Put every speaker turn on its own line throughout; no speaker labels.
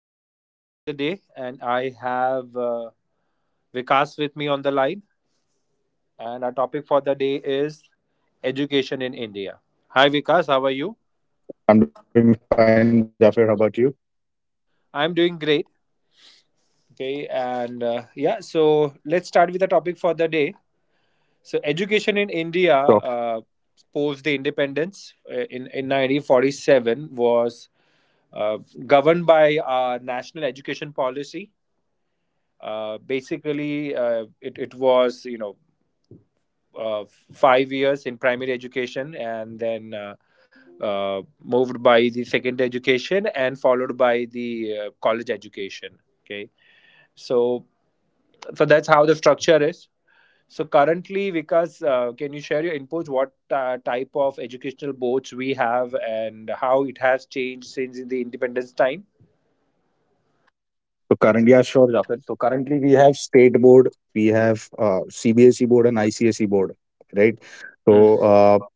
I am the host for the day, and I have Vikas with me on the line. And our topic for the day is education in India. Hi, Vikas. How are you?
I'm doing fine, Jafar. How about you?
I'm doing great. Okay, so let's start with the topic for the day. So, education in India
So,
post the independence in 1947 was uh, governed by our national education policy. Basically, it, it was, you know, uh, 5 years in primary education and then moved by the secondary education and followed by the college education. Okay. So, so that's how the structure is. So currently, Vikas, can you share your inputs? What type of educational boards we have and how it has changed since the independence time?
yeah, sure, Jafar. So currently we have state board, we have CBSE board and ICSE board, right?
Hmm.
So,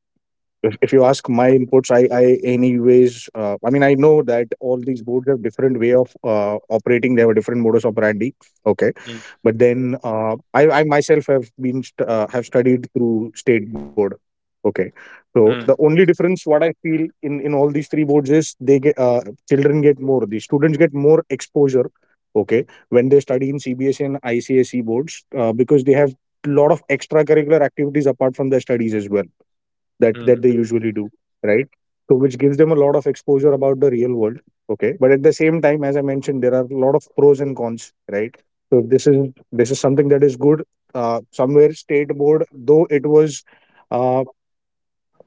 if you ask my inputs, I, anyways, I mean, I know that all these boards have different way of operating. They have a different modus operandi. Okay.
Hmm.
But then, I myself have have studied through state board. Okay. So
Hmm.
the only difference what I feel in all these three boards is the students get more exposure. Okay. When they study in CBSE and ICSC boards, because they have lot of extracurricular activities apart from their studies as well, that
Hmm.
they usually do, right? So which gives them a lot of exposure about the real world. Okay, but at the same time, as I mentioned, there are a lot of pros and cons, right? So this is something that is good. Somewhere state board, though it was, uh,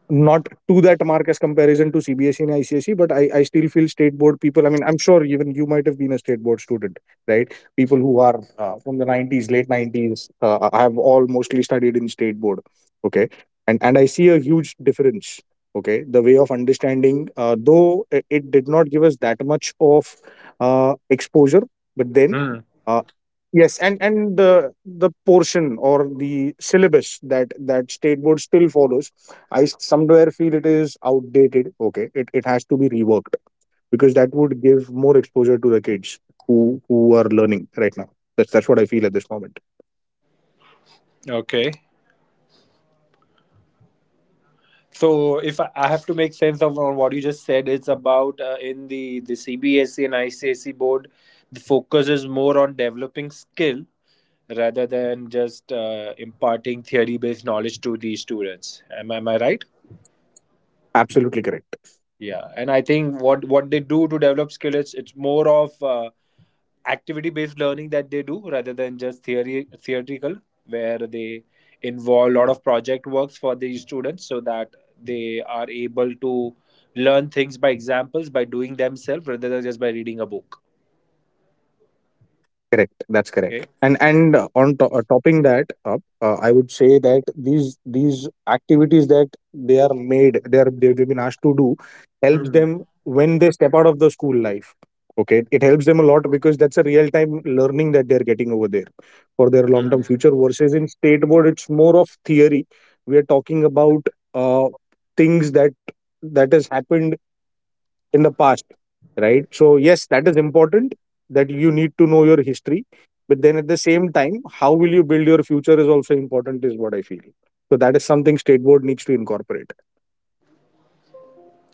not to that mark as comparison to CBSE and ICSE, but I still feel state board people. I mean, I'm sure even you might have been a state board student, right? People who are from the 90s, late 90s, I have all mostly studied in state board. Okay. And I see a huge difference. Okay. The way of understanding, though it did not give us that much of exposure, but then,
Hmm.
uh, yes, and the portion or the syllabus that state board still follows, I somewhere feel it is outdated. Okay, it has to be reworked, because that would give more exposure to the kids who are learning right now. That's what I feel at this moment.
Okay. So, if I have to make sense of on what you just said, it's about in the CBSE and ICSE board, the focus is more on developing skill rather than just imparting theory-based knowledge to the students. Am I right?
Absolutely correct.
Yeah, and I think what they do to develop skill is it's more of activity based learning that they do rather than just theory theoretical where they involve a lot of project works for the students so that they are able to learn things by examples, by doing themselves rather than just by reading a book.
Correct. That's correct. And
Okay.
and uh, on to- uh, topping that up, I would say that these activities that they are made, they are they've been asked to do, helps
Hmm.
them when they step out of the school life. Okay, it helps them a lot because that's a real time learning that they're getting over there for their long
Hmm.
term future. Versus in state board, it's more of theory. We are talking about uh, things that has happened in the past, right? So yes, that is important, that you need to know your history, but then at the same time how will you build your future is also important, is what I feel. So that is something state board needs to incorporate.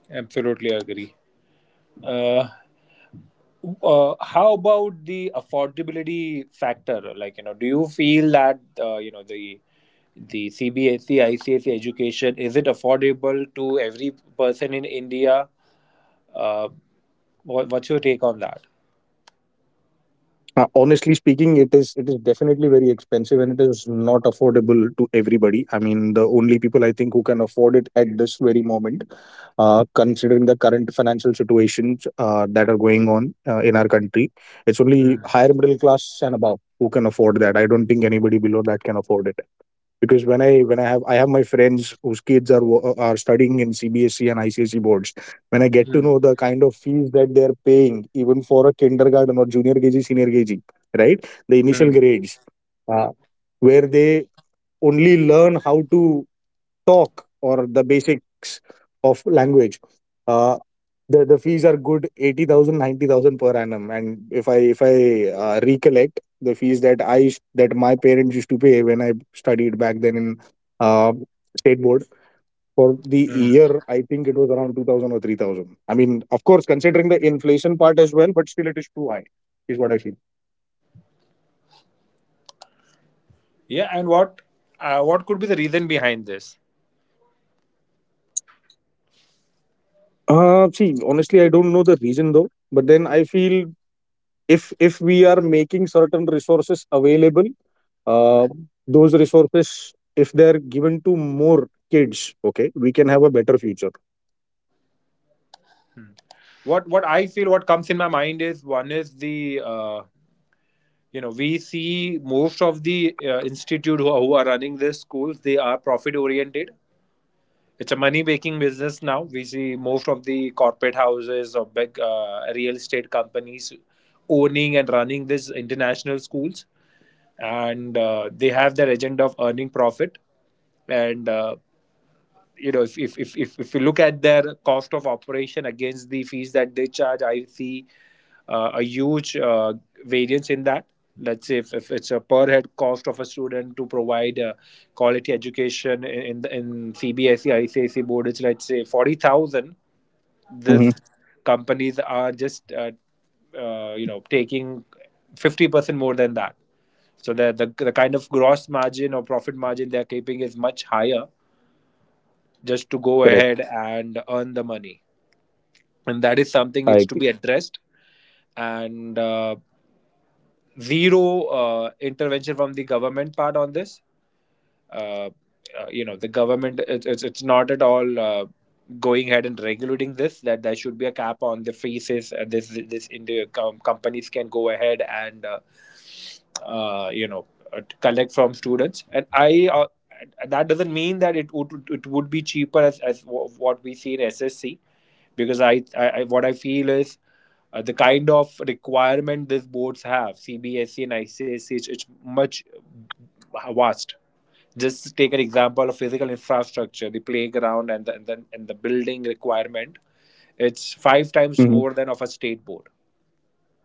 Absolutely agree. uh, how about the affordability factor, like you know, do you feel that the CBSE, ICSE education, is it affordable to every person in India? Uh, what's your take on that?
Honestly speaking, it is definitely very expensive and it is not affordable to everybody. I mean, the only people I think who can afford it at this very moment, considering the current financial situations that are going on in our country, it's
Hmm,
only higher middle class and above who can afford that. I don't think anybody below that can afford it, because when I have I have my friends whose kids are studying in CBSE and ICSE boards. When I get to
hmm,
know the kind of fees that they are paying even for a kindergarten or junior KG, senior KG, right, the initial
hmm,
grades, uh, where they only learn how to talk or the basics of language, uh, the fees are good 80,000, 90,000 per annum. And if I recollect the fees that my parents used to pay when I studied back then in, uh, state board, for the
hmm.
year, I think it was around 2000 or 3000. I mean, of course considering the inflation part as well, but still it is too high, is what I feel.
Yeah, and what could be the reason behind this?
See, honestly, I don't know the reason though, but then I feel, if we are making certain resources available, uh, those resources, if they're given to more kids, okay, we can have a better future.
What I feel what comes in my mind is one is the you know, we see most of the institute who are running these schools, they are profit oriented. It's a money making business now. We see most of the corporate houses or big real estate companies owning and running these international schools, and they have their agenda of earning profit. And you know, if you look at their cost of operation against the fees that they charge, I see a huge variance in that. Let's say if it's a per head cost of a student to provide quality education in CBSE ICSE board, it's let's say 40,000. This
Mm-hmm.
companies are just you know, taking 50% more than that, so the kind of gross margin or profit margin they're keeping is much higher just to
Correct.
go ahead and earn the money, and that is
I
something needs
agree.
to be addressed. And zero intervention from the government part on this. uh, you know, the government, it's not at all going ahead and regulating this, that there should be a cap on the fees is, this this in the companies can go ahead and you know, collect from students. And I that doesn't mean that it would be cheaper as what we see in SSC, because I what I feel is the kind of requirement these boards have, CBSE and ICSE, it's much vast. Just take an example of physical infrastructure: the playground, and the building requirement, it's five times
Mm-hmm.
more than of a state board.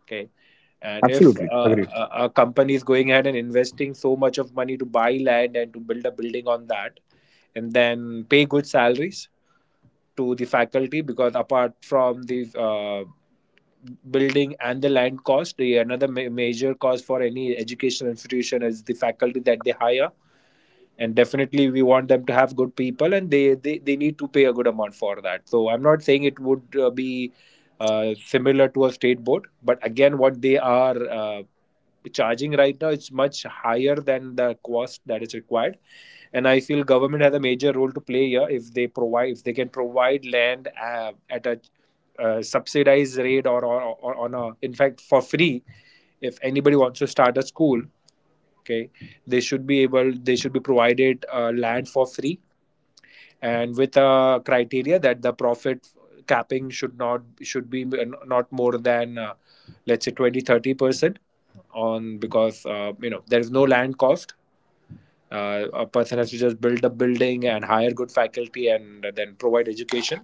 Okay.
Absolutely.
And if
Agreed.
a company is going ahead and investing so much of money to buy land and to build a building on that and then pay good salaries to the faculty, because apart from the uh, building and the land cost, the another major cost for any educational institution is the faculty that they hire. And definitely we want them to have good people, and they need to pay a good amount for that, so I'm not saying it would be similar to a state board. But again, what they are charging right now is much higher than the cost that is required. And I feel government has a major role to play here, if they provide, if they can provide land at a subsidized rate, or on a, in fact, for free. If anybody wants to start a school, okay, they should be provided land for free, and with a criteria that the profit capping should be not more than let's say 20 to 30% on, because you know, there is no land cost. A person has to just build a building and hire good faculty and then provide education.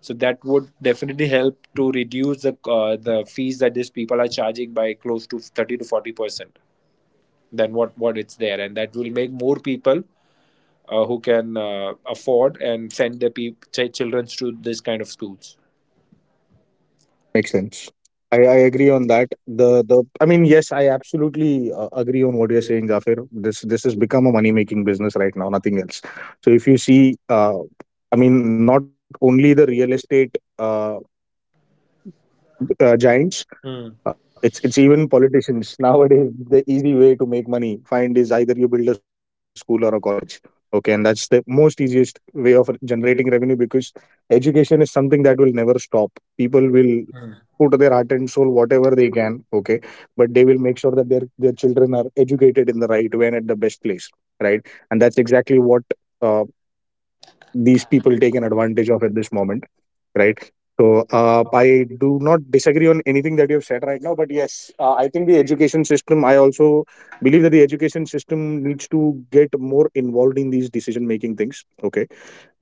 So that would definitely help to reduce the fees that these people are charging by close to 30 to 40% than what it's there, and that will make more people who can afford and send their children to this kind of schools.
Makes sense. I agree on that. The I mean, yes, I absolutely agree on what you're saying, Gafir. This has become a money making business right now, nothing else. So if you see, I mean, not only the real estate giants.
Hmm.
It's even politicians nowadays. The easy way to make money find is either you build a school or a college. Okay, and that's the most easiest way of generating revenue because education is something that will never stop. People will
Hmm.
put their heart and soul whatever they can. Okay, but they will make sure that their children are educated in the right way and at the best place. Right, and that's exactly what uh, these people take an advantage of at this moment, right? So, I do not disagree on anything that you have said right now, but yes, I think the education system. I also believe that the education system needs to get more involved in these decision-making things. Okay,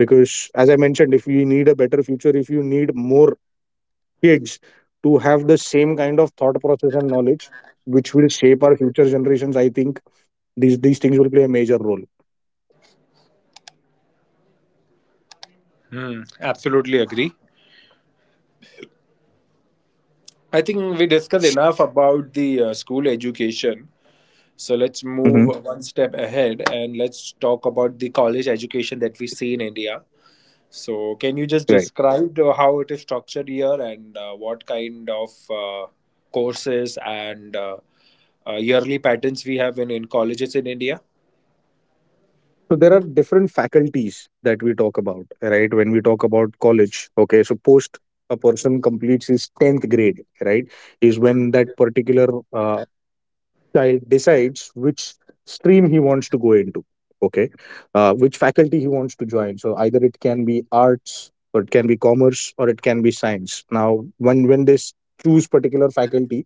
because as I mentioned, if you need a better future, if you need more kids to have the same kind of thought process and knowledge, which will shape our future generations, I think these things will play a major role.
Hmm. Absolutely agree. I think we discussed enough about the school education. So let's move
Hmm.
one step ahead and let's talk about the college education that we see in India. So, can you just
Right.
describe the- how it is structured here and what kind of courses and yearly patterns we have in colleges in India?
So there are different faculties that we talk about, right? When we talk about college, okay, so post a person completes his 10th grade, right, is when that particular child decides which stream he wants to go into. Okay. Which faculty he wants to join, so either it can be arts or it can be commerce or it can be science. Now when choose particular faculty,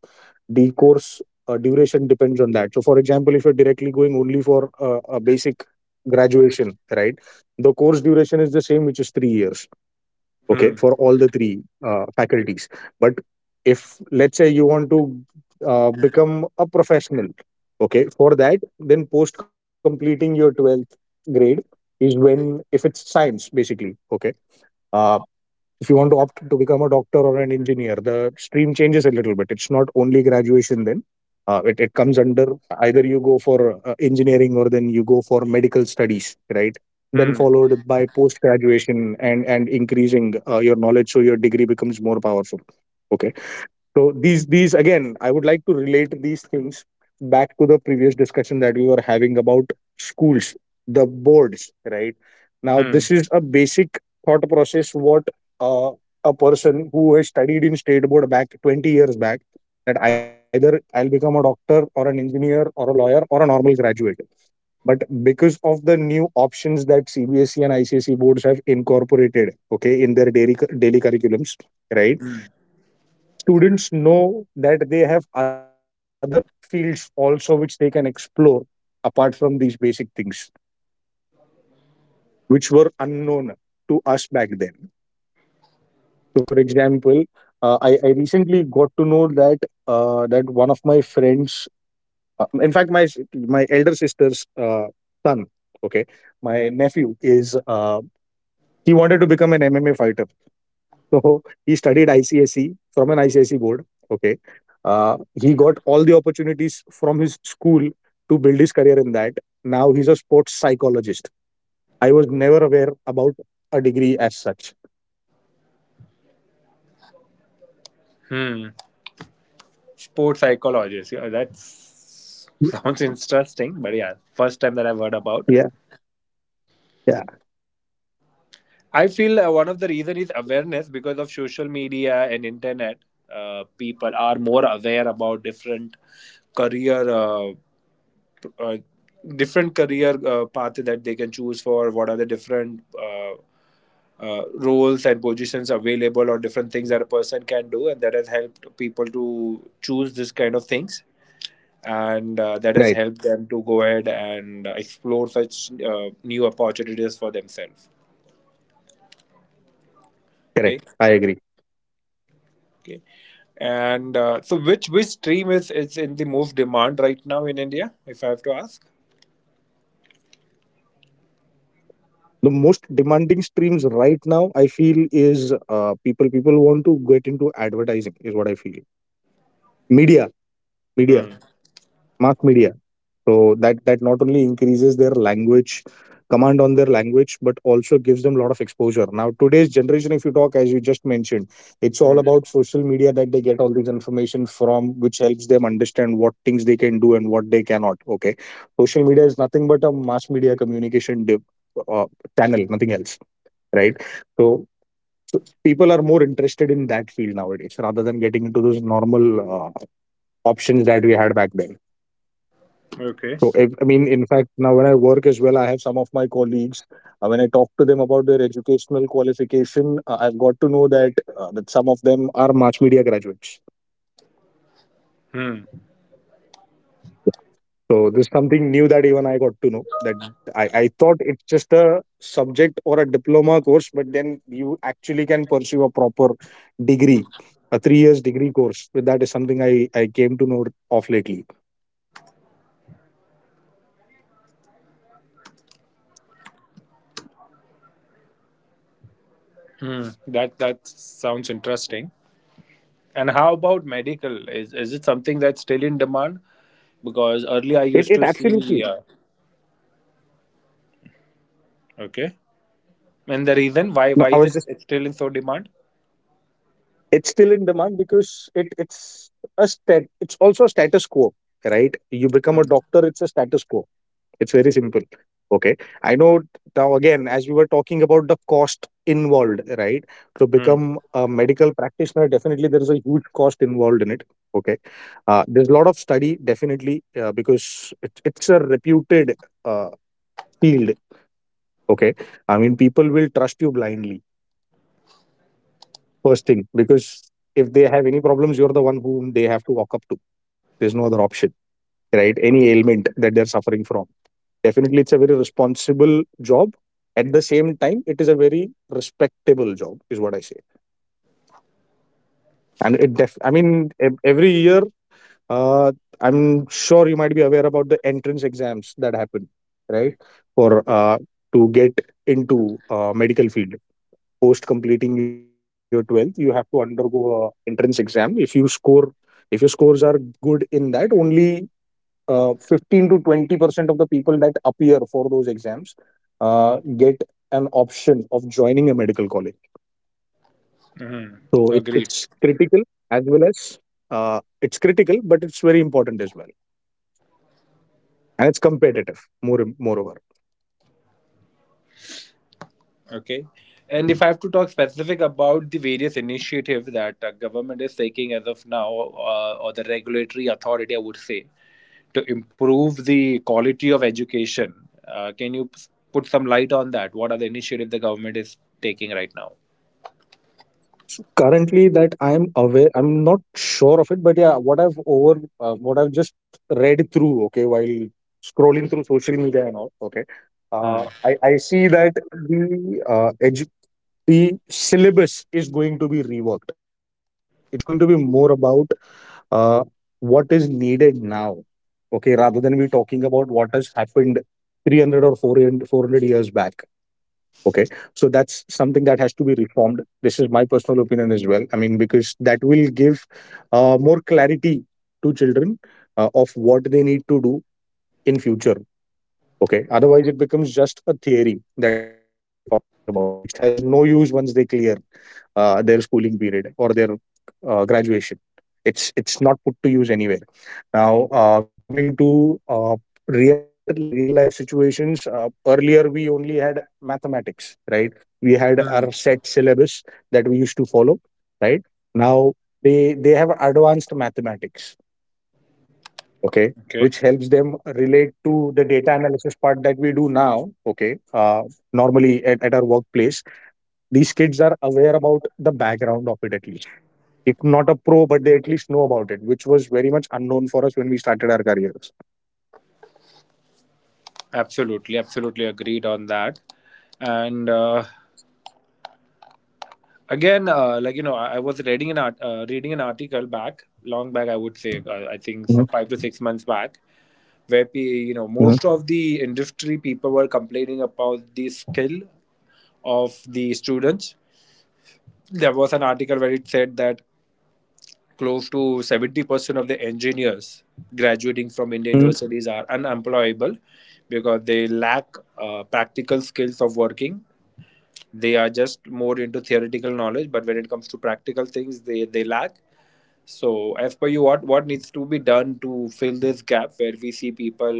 the course duration depends on that. So for example, if you're directly going only for a basic graduation, right, the course duration is the same, which is 3 years, okay,
Hmm.
for all the three faculties. But if let's say you want to become a professional, okay, for that then post completing your 12th grade is when, if it's science basically, okay, uh, if you want to opt to become a doctor or an engineer, the stream changes a little bit. It's not only graduation then. It comes under, either you go for engineering or then you go for medical studies, right? Then
Hmm.
followed by post graduation, and increasing your knowledge, so your degree becomes more powerful. Okay. So these again, I would like to relate these things back to the previous discussion that we were having about schools, the boards, right? Now
Hmm.
this is a basic thought process what uh, a person who has studied in state board back 20 years back, that either I'll become a doctor or an engineer or a lawyer or a normal graduate. But because of the new options that CBSE and ICSE boards have incorporated, okay, in their daily curriculums, right,
Hmm.
students know that they have other fields also which they can explore apart from these basic things which were unknown to us back then. So for example, I recently got to know that one of my friends, in fact, my elder sister's son, okay, my nephew is, he wanted to become an MMA fighter. So he studied ICSE from an ICSE board. Okay. He got all the opportunities from his school to build his career in that. Now he's a sports psychologist. I was never aware about a degree as such.
Hmm. Sports psychologist. Yeah, that sounds interesting, but yeah, first time that I've heard about.
Yeah. Yeah.
I feel one of the reason is awareness because of social media and internet. People are more aware about different career. Uh, Different career path that they can choose for, what are the different roles and positions available, or different things that a person can do, and that has helped people to choose this kind of things, and that has helped
Right.
them to go ahead and explore such new opportunities for themselves. Okay.
Correct. I agree.
Okay. And so which stream is in the most demand right now in India, if I have to ask?
The most demanding streams right now, I feel, is people. People want to get into advertising, is what I feel. Media, media,
Hmm.
mass media, so that not only increases their language command on their language, but also gives them a lot of exposure. Now today's generation, if you talk, as you just mentioned, it's all
Hmm.
about social media that they get all these information from, which helps them understand what things they can do and what they cannot, okay. Social media is nothing but a mass media communication uh, channel, nothing else, right? So, so people are more interested in that field nowadays rather than getting into those normal uh, options that we had back then.
Okay.
So, if, I mean, in fact, now when I work as well, I have some of my colleagues. When I talk to them about their educational qualification, I've got to know that some of them are mass media graduates.
Hmm.
So this is something new that even I got to know. That I thought it's just a subject or a diploma course, but then you actually can pursue a proper degree, a 3 years degree course. But that is something I came to know of lately.
Hmm, that that sounds interesting. And how about medical? Is it something that's still in demand? Because earlier I
It
used
it
to see.
absolutely.
Okay. And the reason why
No,
why
I
is it
was just
it's still in so demand?
it's still in demand because it's a stat it's also a status quo, right? You become a doctor, it's a status quo. It's very simple. Okay. I know. Now again, as we were talking about the cost involved, right, to
Hmm.
become a medical practitioner, definitely there is a huge cost involved in it. Okay. There's a lot of study, definitely, because it's a reputed uh, field. Okay. I mean, people will trust you blindly, first thing, because if they have any problems, you're the one whom they have to walk up to. There's no other option, right? Any ailment that they're suffering from, definitely, it's a very responsible job. At the same time, it is a very respectable job, is what I say. And it def I mean, every year, uh, I'm sure you might be aware about the entrance exams that happen, right, for, uh, to get into, medical field. Post completing your 12th, you have to undergo a entrance exam. If you score, if your scores are good in that, only 15 to 20% of the people that appear for those exams uh, get an option of joining a medical college.
Hmm.
So it,
Agreed.
it's critical as well as, it's critical but it's very important as well, and it's competitive. Moreover,
Okay. And if I have to talk specific about the various initiatives that government is taking as of now, or the regulatory authority, I would say, to improve the quality of education, uh, can you p- put some light on that. What are the initiatives the government is taking right now?
currently that I'm aware, I'm not sure of it, but yeah, what I've just read through, okay, while scrolling through social media and all. Okay,
Hmm.
I see that the the syllabus is going to be reworked. It's going to be more about, uh, what is needed now, okay, rather than we talking about what has happened 300 or four hundred years back. Okay. So that's something that has to be reformed. This is my personal opinion as well. I mean, because that will give more clarity to children, of what they need to do in future. Okay. Otherwise, it becomes just a theory that we are talking about, which has no use once they clear their schooling period or their graduation. It's not put to use anywhere. Now, coming to real life situations, earlier we only had mathematics, right? We had our
Hmm.
set syllabus that we used to follow, right? Now they have advanced mathematics, okay,
Okay.
which helps them relate to the data analysis part that we do now, okay. Normally at our workplace, these kids are aware about the background of it, at least if not a pro, but they at least know about it, which was very much unknown for us when we started our careers.
Absolutely. Absolutely agreed on that. And again, I was reading reading an article back, long back, I would say, I think
Mhm,
5 to 6 months back, where you know
mhm,
most of the industry people were complaining about the skill of the students. There was an article where it said that close to 70% of the engineers graduating from Indian
mhm.
universities are unemployable, because they lack practical skills of working. They are just more into theoretical knowledge, but when it comes to practical things they lack. So, as per you, what needs to be done to fill this gap where we see people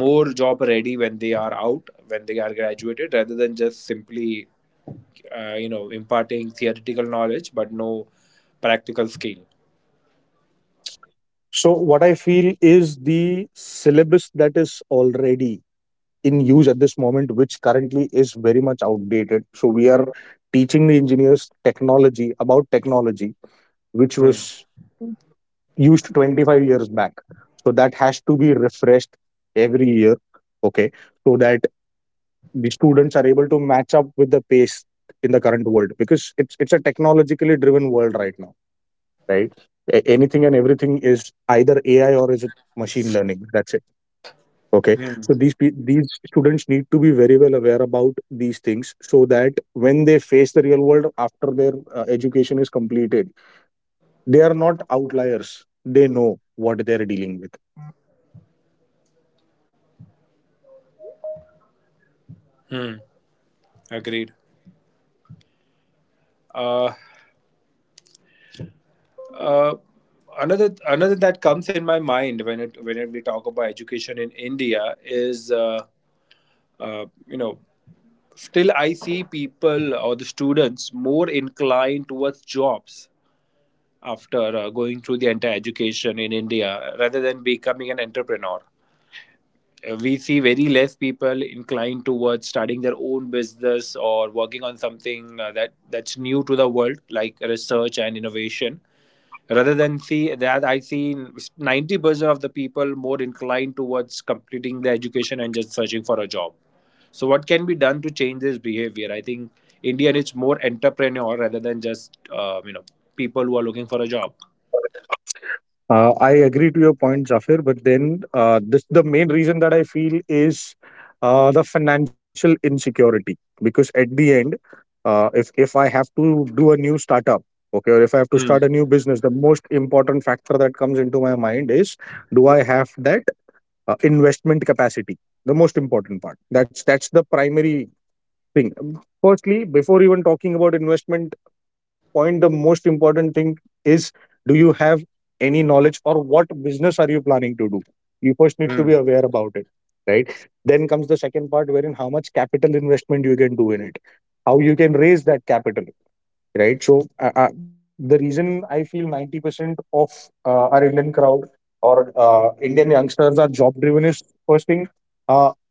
more job ready when they are out, when they are graduated, rather than just simply, you know, imparting theoretical knowledge but no practical skill.
So, what I feel is the syllabus that is already in use at this moment, which currently is very much outdated. So, we are teaching the engineers technology about technology, which
Hmm.
was used 25 years back. So, that has to be refreshed every year. Okay. So, that the students are able to match up with the pace in the current world, because it's a technologically driven world right now, right? Anything and everything is either AI or is it machine learning, that's it. Okay.
Hmm.
So these students need to be very well aware about these things so that when they face the real world after their education is completed, they are not outliers. They know what they're dealing with.
Hmm. Agreed. Uh, uh, another another that comes in my mind when we talk about education in India is you know, still, I see people or the students more inclined towards jobs after going through the entire education in India rather than becoming an entrepreneur. We see very less people inclined towards starting their own business or working on something that's new to the world, like research and innovation, rather than, see that, I see 90% of the people more inclined towards completing their education and just searching for a job. So what can be done to change this behavior? I think India needs more entrepreneur rather than just you know, people who are looking for a job.
I agree to your point, Jafir, but then this the main reason that I feel is the financial insecurity. Because at the end, if I have to do a new startup, okay, or if I have to start
Hmm.
a new business, the most important factor that comes into my mind is, do I have that investment capacity? The most important part. That's the primary thing. Firstly, before even talking about investment point, the most important thing is, do you have any knowledge or what business are you planning to do? You first need to
Hmm.
be aware about it, right? Then comes the second part, wherein how much capital investment you can do in it, how you can raise that capital, right? So, the reason I feel 90% of our Indian crowd or Indian youngsters are job driven is first thing. Uh,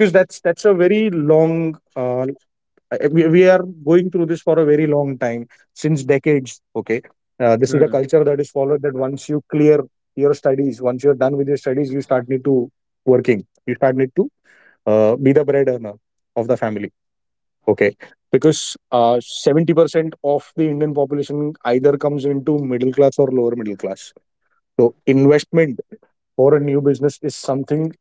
because that's a very long, we are going through this for a very long time, since decades. Okay. This is a
Hmm.
culture that is followed, that once you clear your studies, once you're done with your studies, you start need to working, you start need to be the bread earner of the family. Okay. Because uh, 70% of the Indian population either comes into middle class or lower middle class. So investment for a new business is something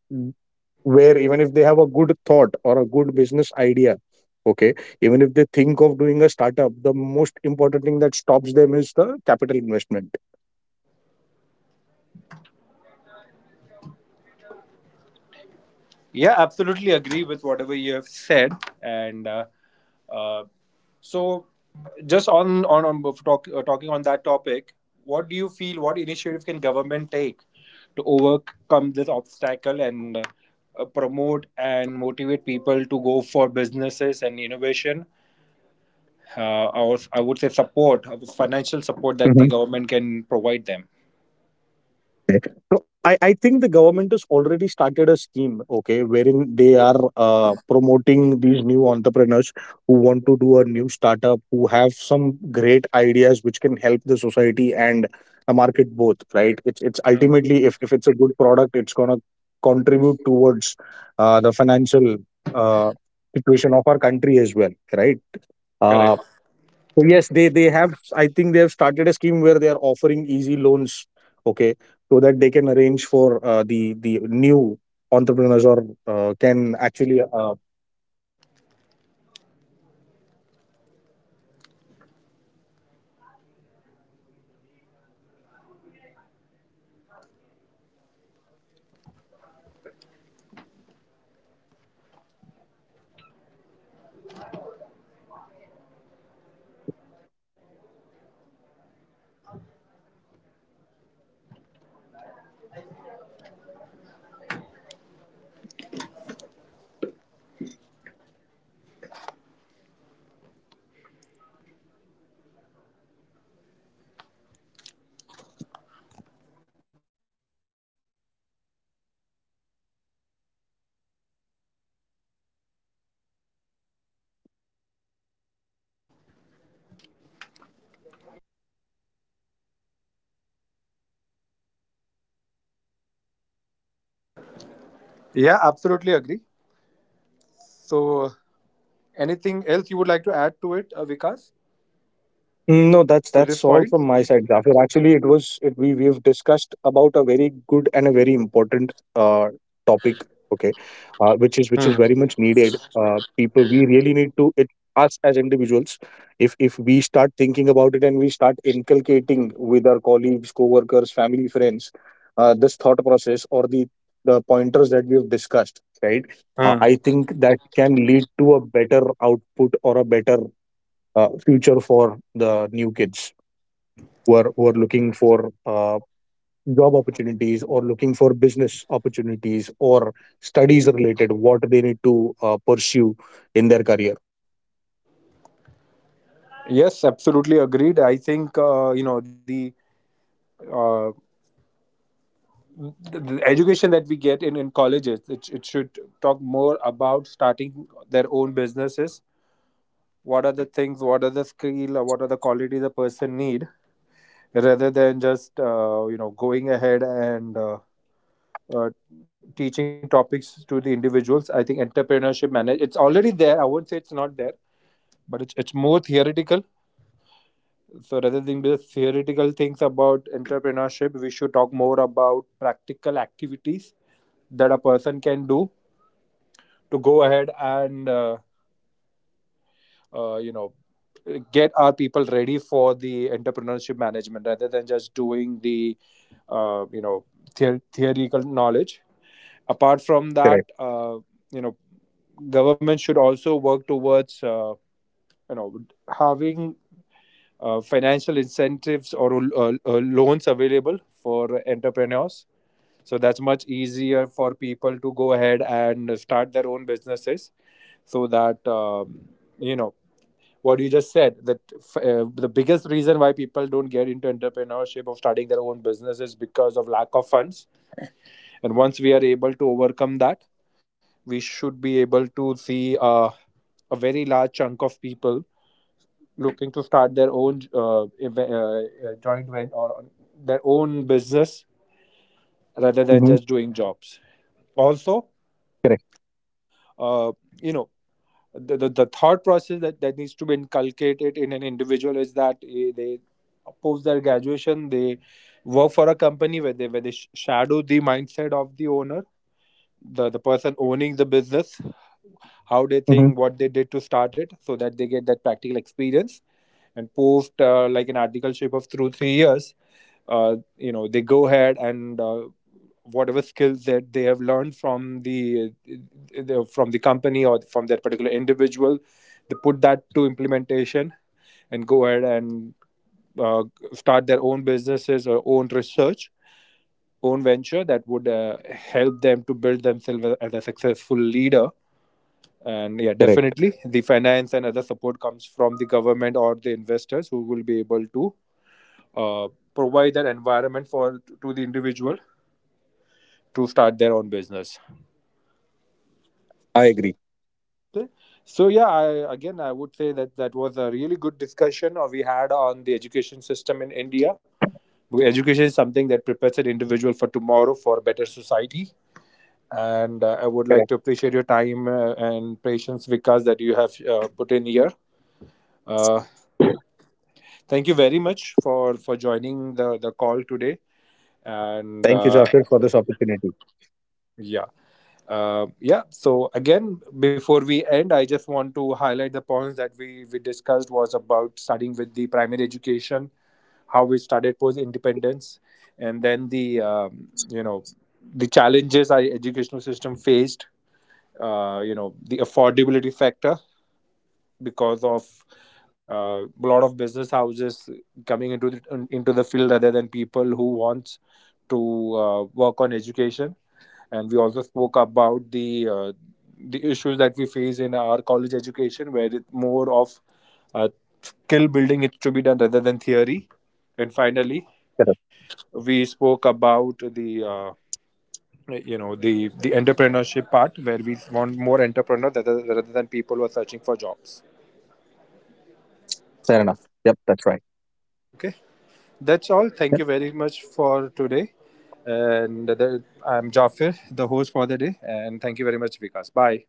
where even if they have a good thought or a good business idea, okay, even if they think of doing a startup, the most important thing that stops them is the capital investment.
Yeah, absolutely agree with whatever you have said. And uh, so, just on talk, talking on that topic, what do you feel? What initiative can government take to overcome this obstacle and promote and motivate people to go for businesses and innovation? Uh, I, I would say support, financial support that the government can provide them.
Okay. So I think the government has already started a scheme, okay, wherein they are promoting these new entrepreneurs who want to do a new startup, who have some great ideas which can help the society and the market both, right? It's
Mm,
ultimately, if it's a good product, it's gonna contribute towards the financial uh, situation of our country as well, right? Uh,
correct.
so, yes, they have. I think they have started a scheme where they are offering easy loans. Okay, so that they can arrange for the new entrepreneurs or can actually start investing, okay, into their business ideas. The government has already started a plan for the same. I'm not sure what it is called though, but I've read about it.
Yeah, absolutely agree. So, anything else you would like to add to it, Vikas, to
Mm, no,
this
that's
point?
that's all from my side, Jafir. Actually, we've discussed about a very good and a very important topic. Okay, which
Hmm.
is very much needed. People, we really need to it us as individuals. If we start thinking about it and we start inculcating with our colleagues, co-workers, family, friends, this thought process or the pointers that we've discussed, right?
Hmm.
I think that can lead to a better output or a better future for the new kids who are looking for job opportunities or looking for business opportunities or studies related what they need to pursue in their career.
Yes, absolutely agreed. I think uh, the education that we get in colleges it should talk more about starting their own businesses. What are the things? What are the skill? Or what are the qualities a person need? Rather than just going ahead and uh, teaching topics to the individuals. I think entrepreneurship manage it's already there. I would say it's not there, but it's more theoretical. So rather than the theoretical things about entrepreneurship, we should talk more about practical activities that a person can do to go ahead and uh, you know get our people ready for the entrepreneurship management rather than just doing the uh, you know theoretical knowledge. Apart from that,
Correct.
you know, government should also work towards you know having financial incentives or loans available for entrepreneurs. So that's much easier for people to go ahead and start their own businesses. So that you know what you just said, that the biggest reason why people don't get into entrepreneurship of starting their own business is because of lack of funds. And once we are able to overcome that, we should be able to see a very large chunk of people looking to start their own joint venture or their own business rather
Mm-hmm.
than just doing jobs. Also,
Correct.
uh, you know, the thought process that, needs to be inculcated in an individual is that they post their graduation, they work for a company where they shadow the mindset of the owner, the person owning the business, how they
Mm-hmm.
think, what they did to start it, so that they get that practical experience. And post like an articleship of through 3 years, they go ahead and whatever skills that they have learned from the from the company or from that particular individual, they put that to implementation and go ahead and uh, start their own businesses or own research, own venture that would help them to build themselves as a successful leader. And yeah,
Correct.
definitely the finance and other support comes from the government or the investors who will be able to uh, provide that environment for to the individual to start their own business.
I agree.
Okay. So yeah, I again I would say that that was a really good discussion or we had on the education system in india. Education is something that prepares an individual for tomorrow, for a better society. And I would like
Correct.
to appreciate your time and patience, Vikas, that you have put in here. Uh, Thank you very much for joining the call today. And
Thank you, Jafir, for this opportunity.
yeah, yeah. So again, before we end, I just want to highlight the points that we discussed was about starting with the primary education, how we started post independence, and then the um, you know the challenges our educational system faced. The affordability factor because of a lot of business houses coming into the field rather than people who want to work on education. And we also spoke about the issues that we face in our college education where it more of uh, skill building is to be done rather than theory. And finally we spoke about the the entrepreneurship part where we want more entrepreneurs, rather than people who are searching for jobs. Okay. That's all. Thank you very much for today. And the, I'm Jafir, the host for the day. And thank you very much, Vikas. Bye.